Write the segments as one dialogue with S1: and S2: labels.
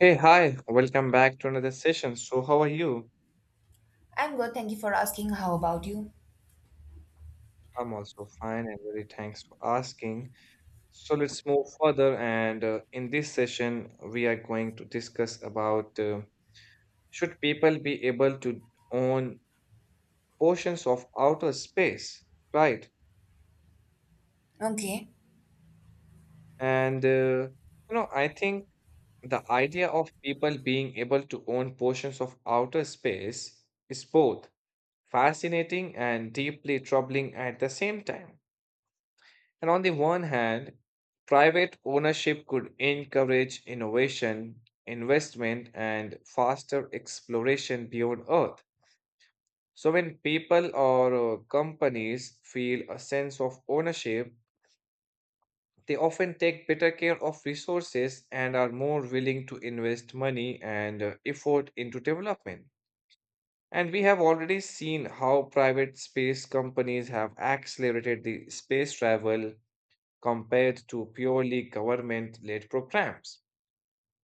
S1: Hey, hi, welcome back to another session. So, how are you?
S2: I'm good, thank you for asking. How about you?
S1: I'm also fine and very thanks for asking. So, let's move further. And in this session, we are going to discuss about should people be able to own portions of outer space, right?
S2: Okay.
S1: And, uh, I think the idea of people being able to own portions of outer space is both fascinating and deeply troubling at the same time. And on the one hand, private ownership could encourage innovation, investment, and faster exploration beyond Earth. So, when people or companies feel a sense of ownership, they often take better care of resources and are more willing to invest money and effort into development. And we have already seen how private space companies have accelerated the space travel compared to purely government-led programs.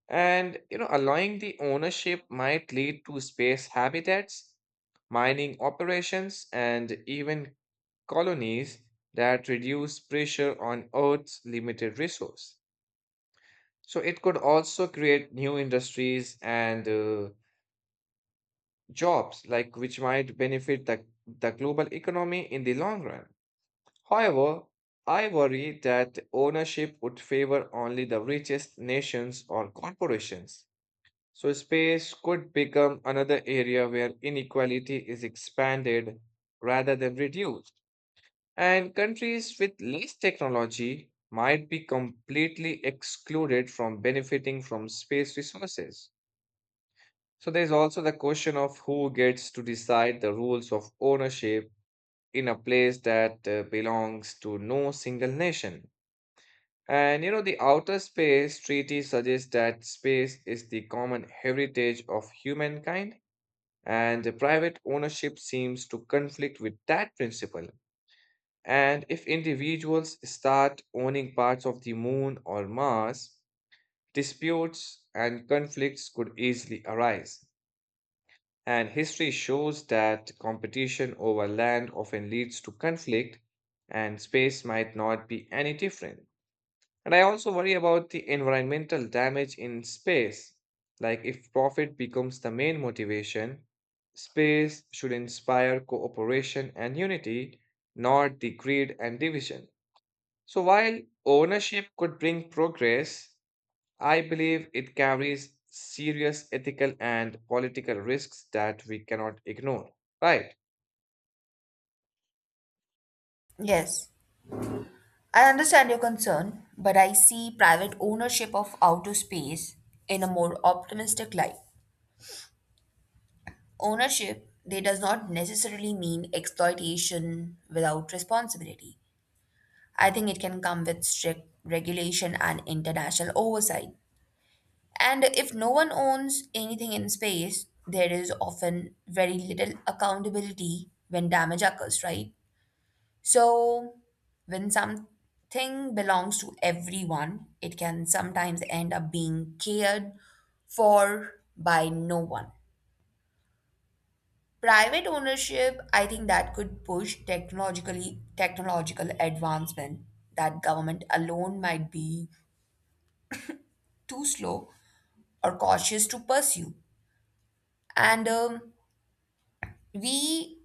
S1: And allowing the ownership might lead to space habitats, mining operations, and even colonies that reduce pressure on Earth's limited resource. So it could also create new industries and jobs, like which might benefit the global economy in the long run. However, I worry that ownership would favor only the richest nations or corporations. So, space could become another area where inequality is expanded rather than reduced. And countries with less technology might be completely excluded from benefiting from space resources. So, there's also the question of who gets to decide the rules of ownership in a place that belongs to no single nation. And the Outer Space Treaty suggests that space is the common heritage of humankind, and the private ownership seems to conflict with that principle. And if individuals start owning parts of the moon or Mars, disputes and conflicts could easily arise. And history shows that competition over land often leads to conflict, and space might not be any different. And I also worry about the environmental damage in space. Like, if profit becomes the main motivation, space should inspire cooperation and unity, not the greed and division. So, while ownership could bring progress, I believe it carries serious ethical and political risks that we cannot ignore. Right.
S2: Yes, I understand your concern, but I see private ownership of outer space in a more optimistic light. Ownership, they does not necessarily mean exploitation without responsibility. I think it can come with strict regulation and international oversight. And if no one owns anything in space, there is often very little accountability when damage occurs, right? So, when something belongs to everyone, it can sometimes end up being cared for by no one. Private ownership, I think that could push technological advancement that government alone might be too slow or cautious to pursue. And We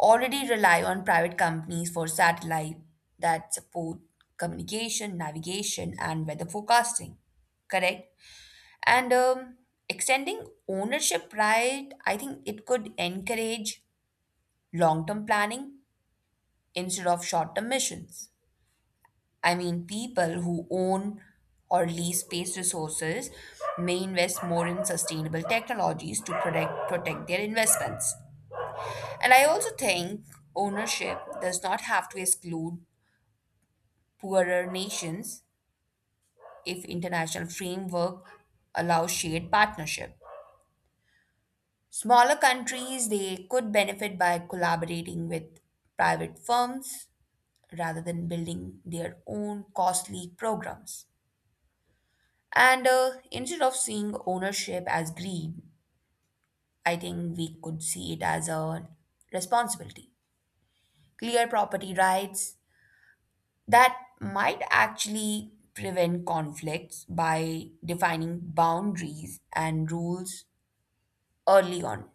S2: already rely on private companies for satellite that support communication, navigation, and weather forecasting. Correct? And Extending ownership right, I think it could encourage long term planning instead of short term missions. I mean, people who own or lease space resources may invest more in sustainable technologies to protect their investments. And I also think ownership does not have to exclude poorer nations if international framework allows shared partnership. Smaller countries they could benefit by collaborating with private firms rather than building their own costly programs. And Instead of seeing ownership as greed, I think we could see it as a responsibility. Clear property rights, that might actually prevent conflicts by defining boundaries and rules early on,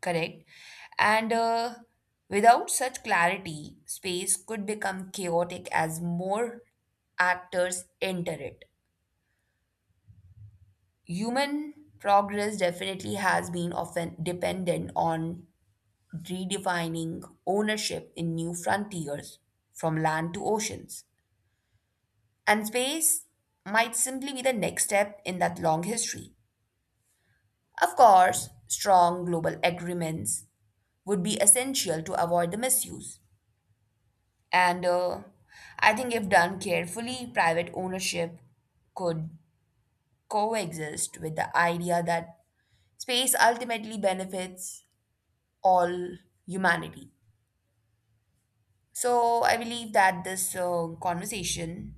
S2: correct? And Without such clarity, space could become chaotic as more actors enter it. Human progress definitely has been often dependent on redefining ownership in new frontiers from land to oceans. And space might simply be the next step in that long history. Of course, strong global agreements would be essential to avoid the misuse. And I think if done carefully, private ownership could coexist with the idea that space ultimately benefits all humanity. So I believe that this conversation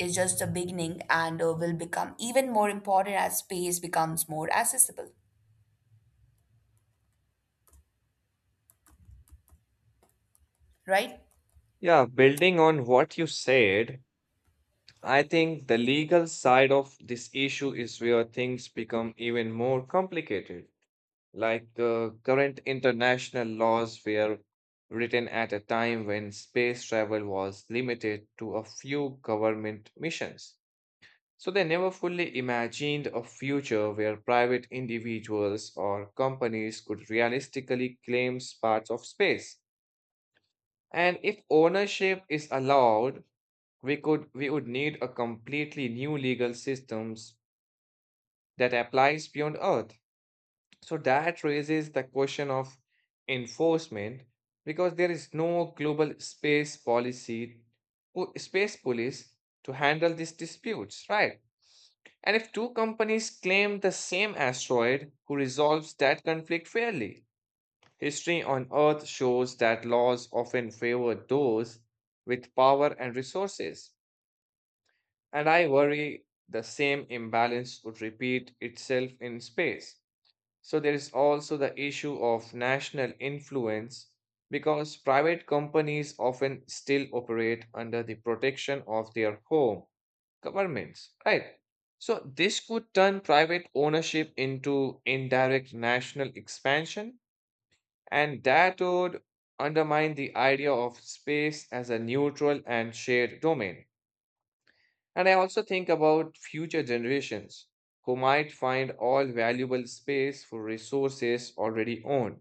S2: is just a beginning and will become even more important as space becomes more accessible, right?
S1: Yeah, building on what you said, I think the legal side of this issue is where things become even more complicated. Like current international laws were written at a time when space travel was limited to a few government missions. So they never fully imagined a future where private individuals or companies could realistically claim parts of space. And if ownership is allowed, we would need a completely new legal systems that applies beyond earth, so that raises the question of enforcement, because there is no global space policy or space police to handle these disputes, right? And if two companies claim the same asteroid, who resolves that conflict fairly? History on earth shows that laws often favor those with power and resources. And I worry the same imbalance would repeat itself in space. So there is also the issue of national influence, because private companies often still operate under the protection of their home governments, right? So this could turn private ownership into indirect national expansion, and that would undermine the idea of space as a neutral and shared domain. And I also think about future generations who might find all valuable space for resources already owned.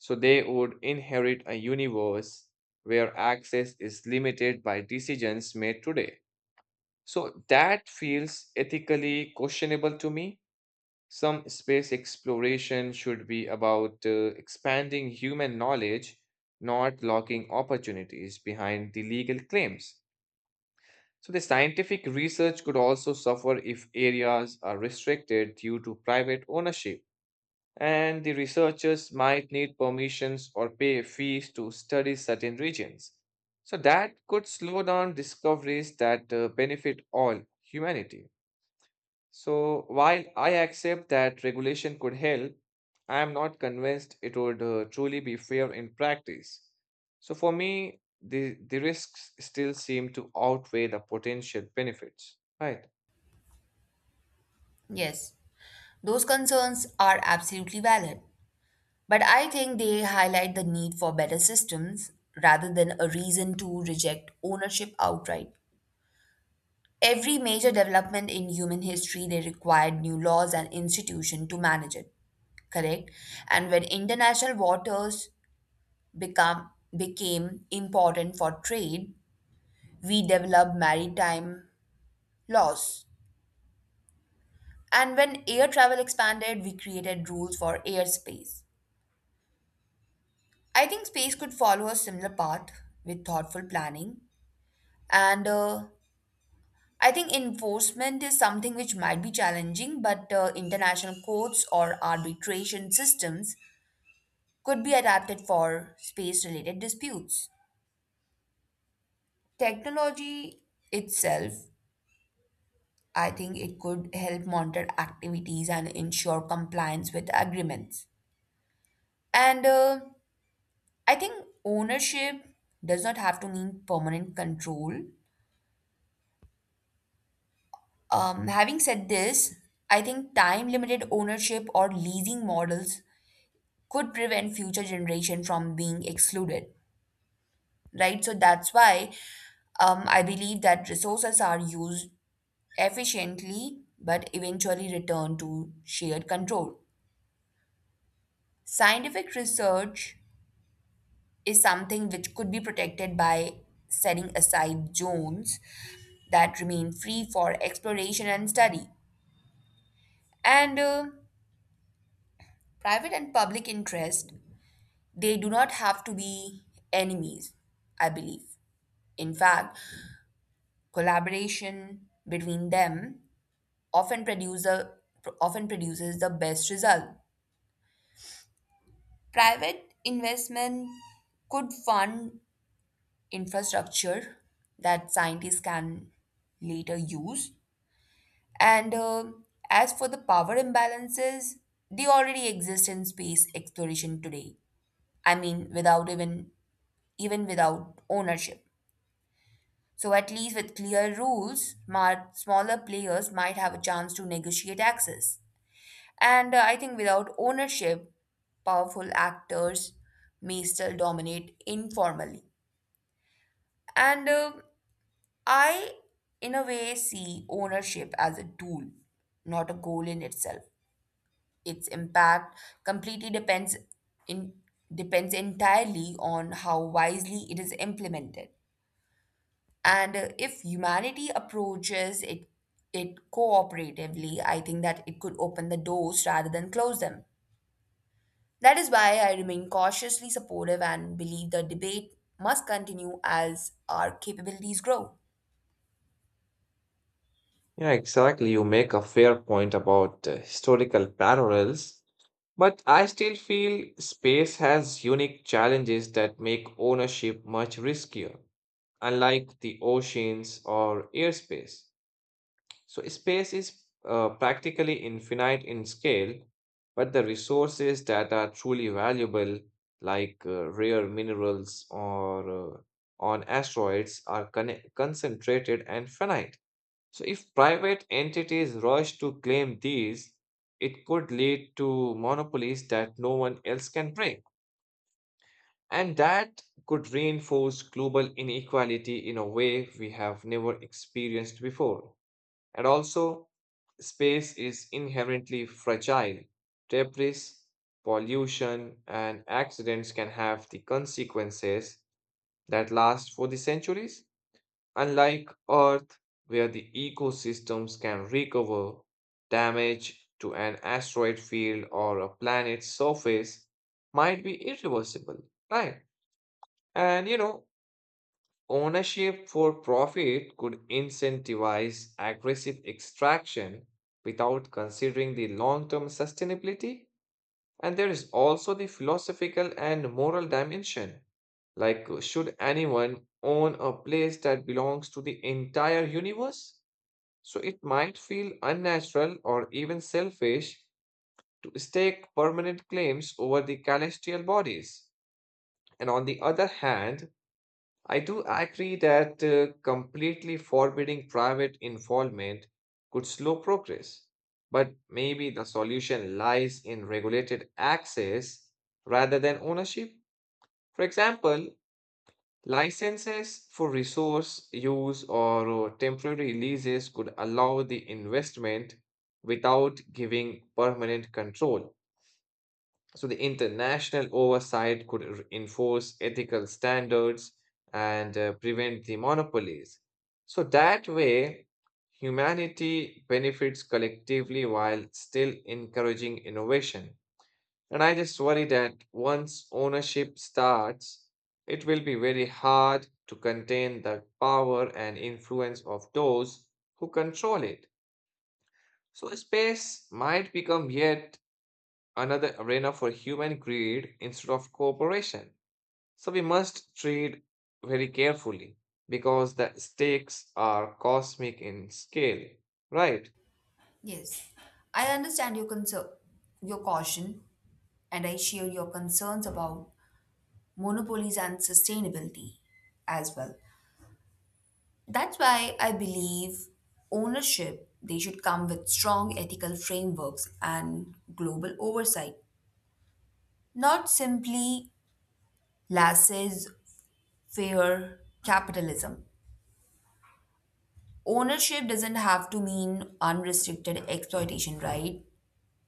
S1: So they would inherit a universe where access is limited by decisions made today. So that feels ethically questionable to me. Some space exploration should be about expanding human knowledge, not locking opportunities behind the legal claims. So, the scientific research could also suffer if areas are restricted due to private ownership, and the researchers might need permissions or pay fees to study certain regions. So, that could slow down discoveries that benefit all humanity. So, while I accept that regulation could help, I am not convinced it would truly be fair in practice. So, for me, the risks still seem to outweigh the potential benefits, right?
S2: Yes. Those concerns are absolutely valid, but I think they highlight the need for better systems rather than a reason to reject ownership outright. Every major development in human history they required new laws and institutions to manage it, correct? And when international waters become, became important for trade, we developed maritime laws. And when air travel expanded, we created rules for airspace. I think space could follow a similar path with thoughtful planning. And I think enforcement is something which might be challenging, but international courts or arbitration systems could be adapted for space related disputes. Technology itself, I think it could help monitor activities and ensure compliance with agreements. And I think ownership does not have to mean permanent control. Having said this, I think time limited ownership or leasing models could prevent future generation from being excluded, right? So that's why I believe that resources are used efficiently but eventually return to shared control. Scientific research is something which could be protected by setting aside zones that remain free for exploration and study. And Private and public interest, they do not have to be enemies, I believe. In fact, collaboration between them often produce a, often produces the best result. Private investment could fund infrastructure that scientists can later use. And As for the power imbalances, they already exist in space exploration today. I mean, without even even without ownership. So at least with clear rules, smaller players might have a chance to negotiate access. And I think without ownership, powerful actors may still dominate informally. And uh, I, in a way, see ownership as a tool, not a goal in itself. Its impact completely depends in depends entirely on how wisely it is implemented. And If humanity approaches it cooperatively, I think that it could open the doors rather than close them. That is why I remain cautiously supportive and believe the debate must continue as our capabilities grow.
S1: Yeah, exactly. You make a fair point about historical parallels, but I still feel space has unique challenges that make ownership much riskier, unlike the oceans or airspace. So space is practically infinite in scale, but the resources that are truly valuable, like rare minerals or on asteroids, are concentrated and finite. So if private entities rush to claim these, it could lead to monopolies that no one else can break. And that could reinforce global inequality in a way we have never experienced before. And also, space is inherently fragile. Debris, pollution, and accidents can have the consequences that last for the centuries. Unlike Earth, where the ecosystems can recover, damage to an asteroid field or a planet's surface might be irreversible, right? And you know, Ownership for profit could incentivize aggressive extraction without considering the long term sustainability. And there is also the philosophical and moral dimension. Like, should anyone own a place that belongs to the entire universe? So it might feel unnatural or even selfish to stake permanent claims over the celestial bodies. And on the other hand, I do agree that completely forbidding private involvement could slow progress, but maybe the solution lies in regulated access rather than ownership. For example, licenses for resource use or temporary leases could allow the investment without giving permanent control. So the international oversight could enforce ethical standards and prevent the monopolies. So that way, humanity benefits collectively while still encouraging innovation. And I just worry that once ownership starts, it will be very hard to contain the power and influence of those who control it. So, space might become yet another arena for human greed instead of cooperation. So we must treat very carefully because the stakes are cosmic in scale, right?
S2: Yes, I understand your caution, and I share your concerns about monopolies and sustainability as well. That's why I believe ownership they should come with strong ethical frameworks and global oversight, not simply laissez-faire capitalism. Ownership doesn't have to mean unrestricted exploitation, right?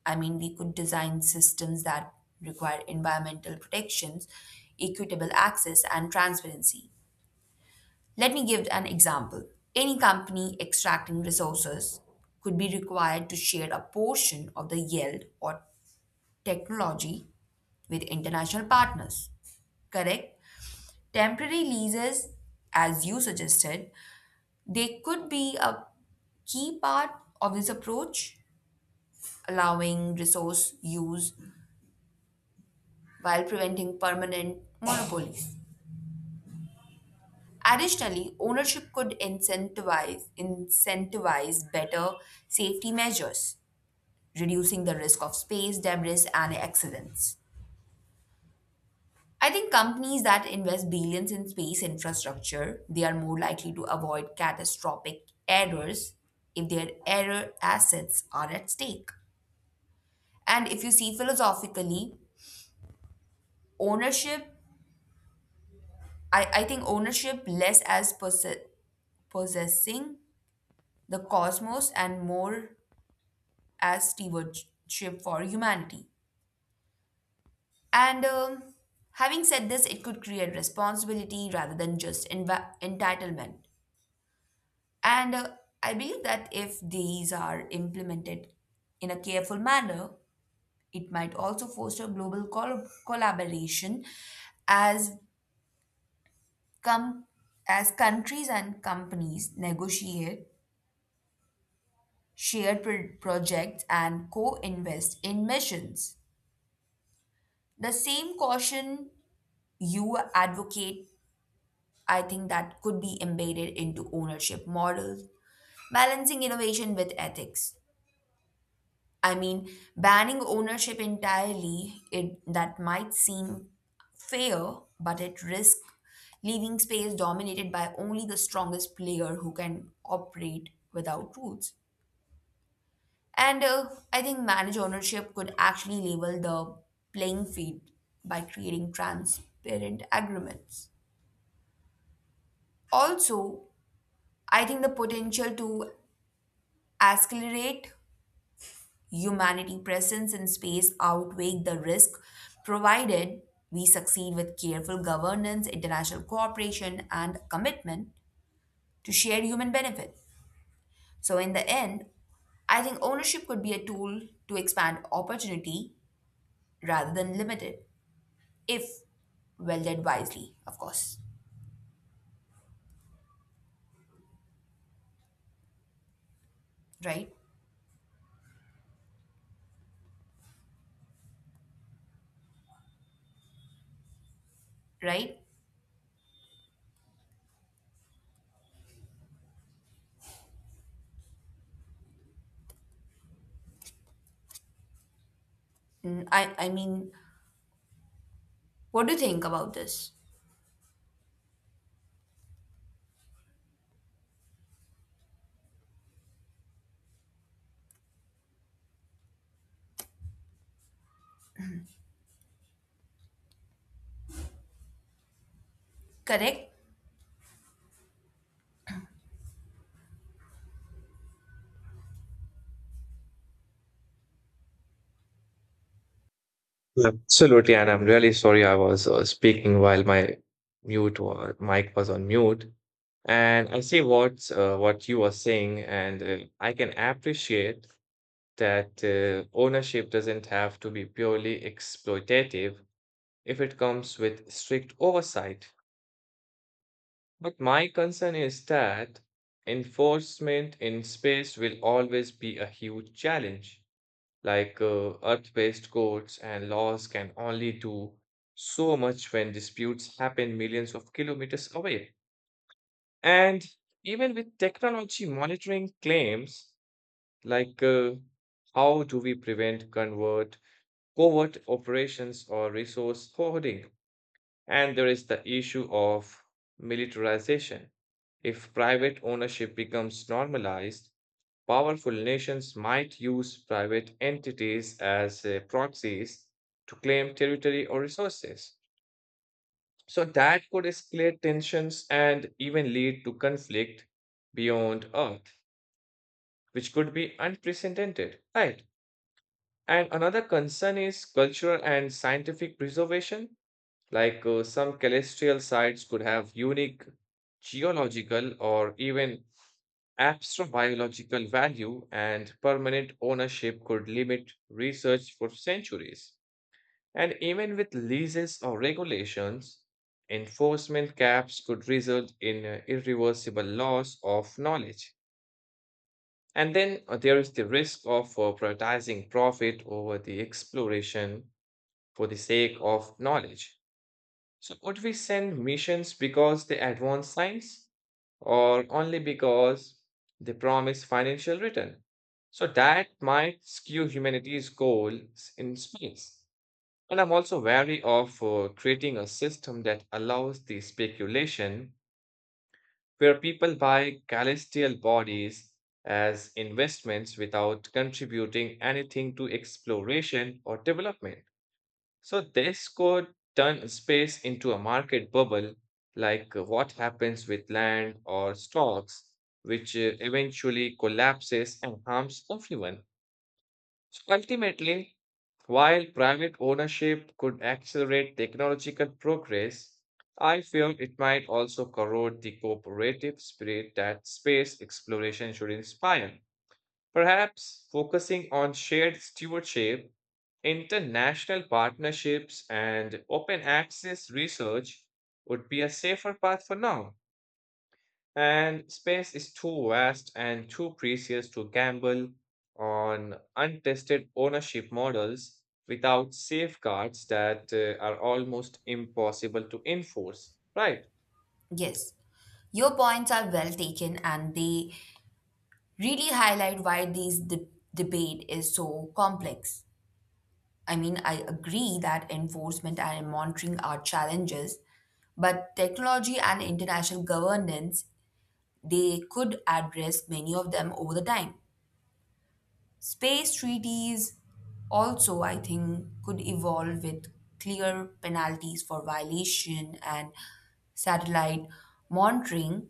S2: I mean, we could design systems that require environmental protections, equitable access, and transparency. Let me give an example. Any company extracting resources could be required to share a portion of the yield or technology with international partners. Correct? Temporary leases, as you suggested, they could be a key part of this approach, allowing resource use while preventing permanent monopolies. Additionally, ownership could incentivize better safety measures, reducing the risk of space debris and accidents. I think companies that invest billions in space infrastructure, they are more likely to avoid catastrophic errors if their error assets are at stake. And if you see philosophically, ownership, I think ownership less as possessing the cosmos and more as stewardship for humanity. And Having said this, it could create responsibility rather than just entitlement. And I believe that if these are implemented in a careful manner, it might also foster global collaboration as com- as countries and companies negotiate shared projects and co-invest in missions. The same caution you advocate, I think that could be embedded into ownership models, balancing innovation with ethics. I mean, banning ownership entirely, it that might seem fair, but it risks leaving space dominated by only the strongest player who can operate without rules. And I think managed ownership could actually level the playing field by creating transparent agreements. Also, I think the potential to accelerate humanity presence in space outweigh the risk, provided we succeed with careful governance, international cooperation, and commitment to shared human benefit. So in the end, I think ownership could be a tool to expand opportunity rather than limit it, if wielded wisely, of course, right? Right. I mean, what do you think about this, correct?
S1: Absolutely, and I'm really sorry I was speaking while my mute or mic was on mute. And I see what you are saying, and I can appreciate that ownership doesn't have to be purely exploitative if it comes with strict oversight. But my concern is that enforcement in space will always be a huge challenge. Like Earth-based codes and laws can only do so much when disputes happen millions of kilometers away. And even with technology monitoring claims, like how do we prevent convert, covert operations or resource hoarding? And there is the issue of militarization. If private ownership becomes normalized, powerful nations might use private entities as proxies to claim territory or resources. So that could escalate tensions and even lead to conflict beyond Earth, which could be unprecedented. Right. And another concern is cultural and scientific preservation. Like some celestial sites could have unique geological or even astrobiological value, and permanent ownership could limit research for centuries. And even with leases or regulations, enforcement caps could result in irreversible loss of knowledge. And then there is the risk of prioritizing profit over the exploration for the sake of knowledge. So would we send missions because they advance science, or only because they promise financial return? So that might skew humanity's goals in space. And I'm also wary of creating a system that allows the speculation where people buy celestial bodies as investments without contributing anything to exploration or development. So this could turn space into a market bubble, like what happens with land or stocks, which eventually collapses and harms everyone. So ultimately, while private ownership could accelerate technological progress, I fear it might also corrode the cooperative spirit that space exploration should inspire. Perhaps focusing on shared stewardship, international partnerships, and open access research would be a safer path for now. And space is too vast and too precious to gamble on untested ownership models without safeguards that are almost impossible to enforce, right?
S2: Yes, your points are well taken and they really highlight why this debate is so complex. I mean, I agree that enforcement and monitoring are challenges, but technology and international governance they could address many of them over the time. Space treaties also, I think, could evolve with clear penalties for violation, and satellite monitoring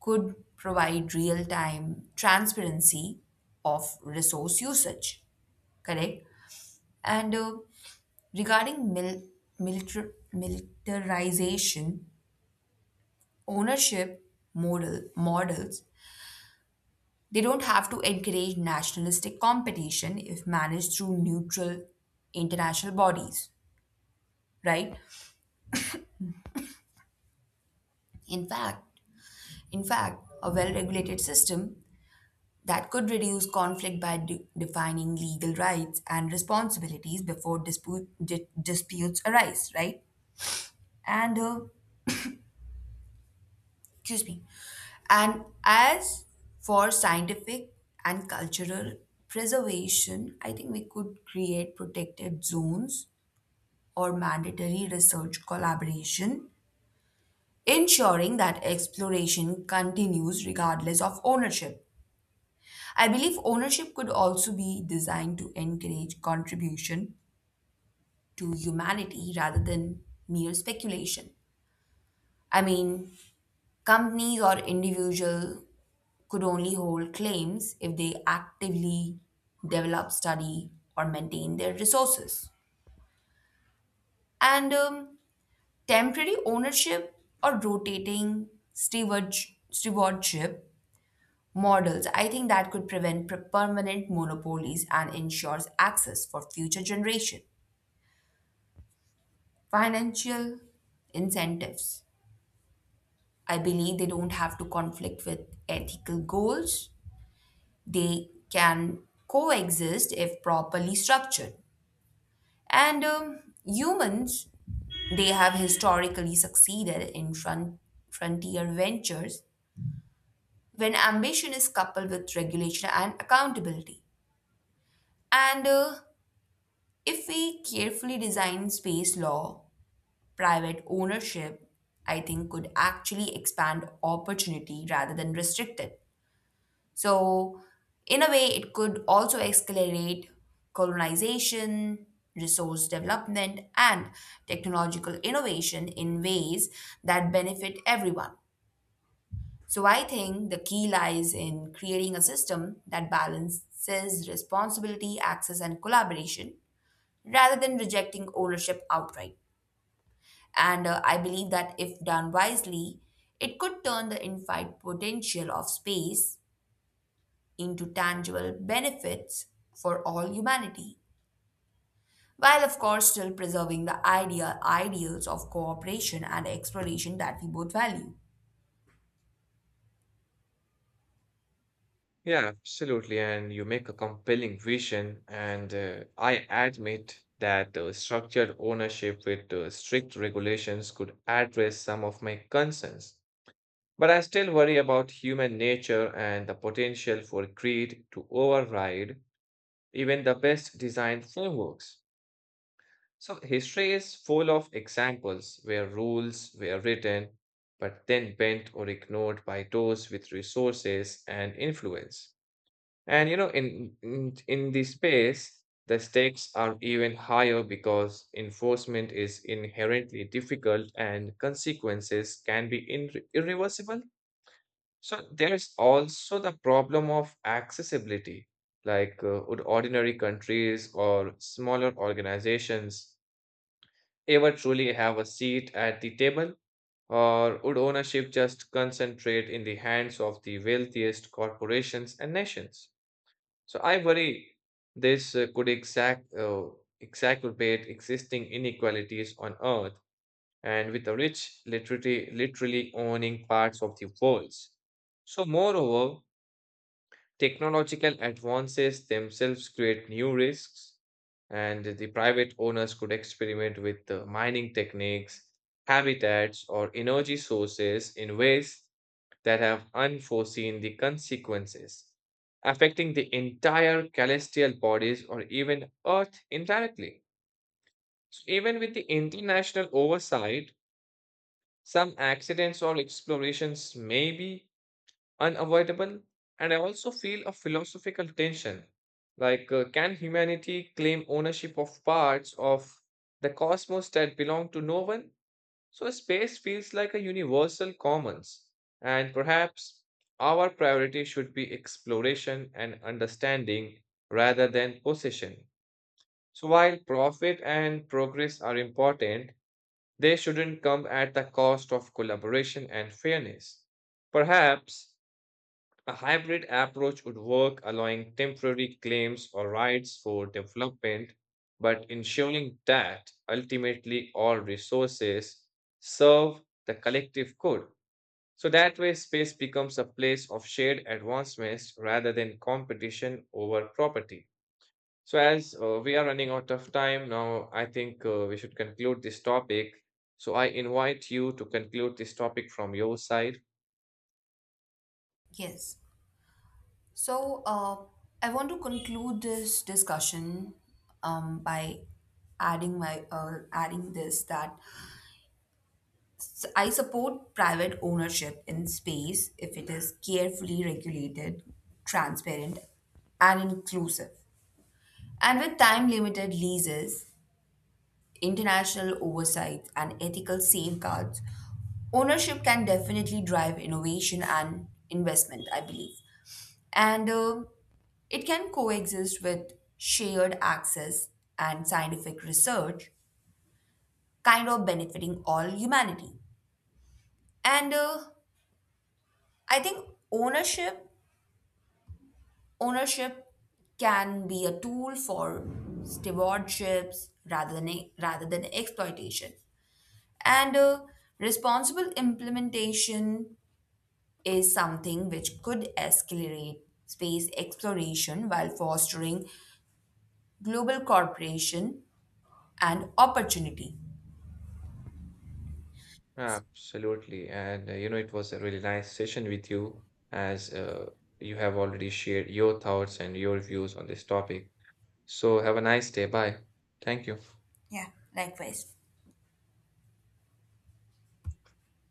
S2: could provide real time transparency of resource usage, correct? And Regarding militarization, ownership model models, they don't have to encourage nationalistic competition if managed through neutral international bodies, right? In fact, in fact, a well-regulated system that could reduce conflict by defining legal rights and responsibilities before disputes arise, right? And, uh, Excuse me. And as for scientific and cultural preservation, I think we could create protected zones or mandatory research collaboration, ensuring that exploration continues regardless of ownership. I believe ownership could also be designed to encourage contribution to humanity rather than mere speculation. I mean, companies or individual could only hold claims if they actively develop, study, or maintain their resources. And Temporary ownership or rotating stewardship models, I think that could prevent permanent monopolies and ensures access for future generation. Financial incentives, I believe they don't have to conflict with ethical goals. They can coexist if properly structured. And Humans, they have historically succeeded in frontier ventures when ambition is coupled with regulation and accountability. And If we carefully design space law, private ownership, I think could actually expand opportunity rather than restrict it. So, in a way, it could also accelerate colonization, resource development, and technological innovation in ways that benefit everyone. So, I think the key lies in creating a system that balances responsibility, access, and collaboration rather than rejecting ownership outright. And I believe that if done wisely, it could turn the infinite potential of space into tangible benefits for all humanity, while of course still preserving the ideals of cooperation and exploration that we both value.
S1: Yeah, absolutely. And you make a compelling vision. And I admit that structured ownership with strict regulations could address some of my concerns. But I still worry about human nature and the potential for greed to override even the best designed frameworks. So history is full of examples where rules were written, but then bent or ignored by those with resources and influence. And in the space, the stakes are even higher because enforcement is inherently difficult and consequences can be irreversible. So there's also the problem of accessibility. Like, would ordinary countries or smaller organizations ever truly have a seat at the table? Or would ownership just concentrate in the hands of the wealthiest corporations and nations? So I worry this could exacerbate existing inequalities on Earth, and with the rich literally owning parts of the world. So, moreover, technological advances themselves create new risks, and the private owners could experiment with mining techniques, habitats, or energy sources in ways that have unforeseen the consequences, affecting the entire celestial bodies or even Earth indirectly. So even with the international oversight, some accidents or explorations may be unavoidable, and I also feel a philosophical tension. Like, can humanity claim ownership of parts of the cosmos that belong to no one? So space feels like a universal commons, and perhaps our priority should be exploration and understanding rather than possession. So while profit and progress are important, they shouldn't come at the cost of collaboration and fairness. Perhaps a hybrid approach would work, allowing temporary claims or rights for development, but ensuring that ultimately all resources serve the collective good. So that way, space becomes a place of shared advancements rather than competition over property. So, as we are running out of time now, I think we should conclude this topic. So, I invite you to conclude this topic from your side.
S2: Yes. So uh, I want to conclude this discussion by adding this that I support private ownership in space if it is carefully regulated, transparent, and inclusive. And with time limited leases, international oversight and ethical safeguards, ownership can definitely drive innovation and investment, I believe. And It can coexist with shared access and scientific research, kind of benefiting all humanity. And I think ownership, ownership can be a tool for stewardships rather than exploitation. And Responsible implementation is something which could accelerate space exploration while fostering global cooperation and opportunity.
S1: Absolutely. And it was a really nice session with you as you have already shared your thoughts and your views on this topic. So have a nice day. Bye. Thank you.
S2: Yeah, likewise.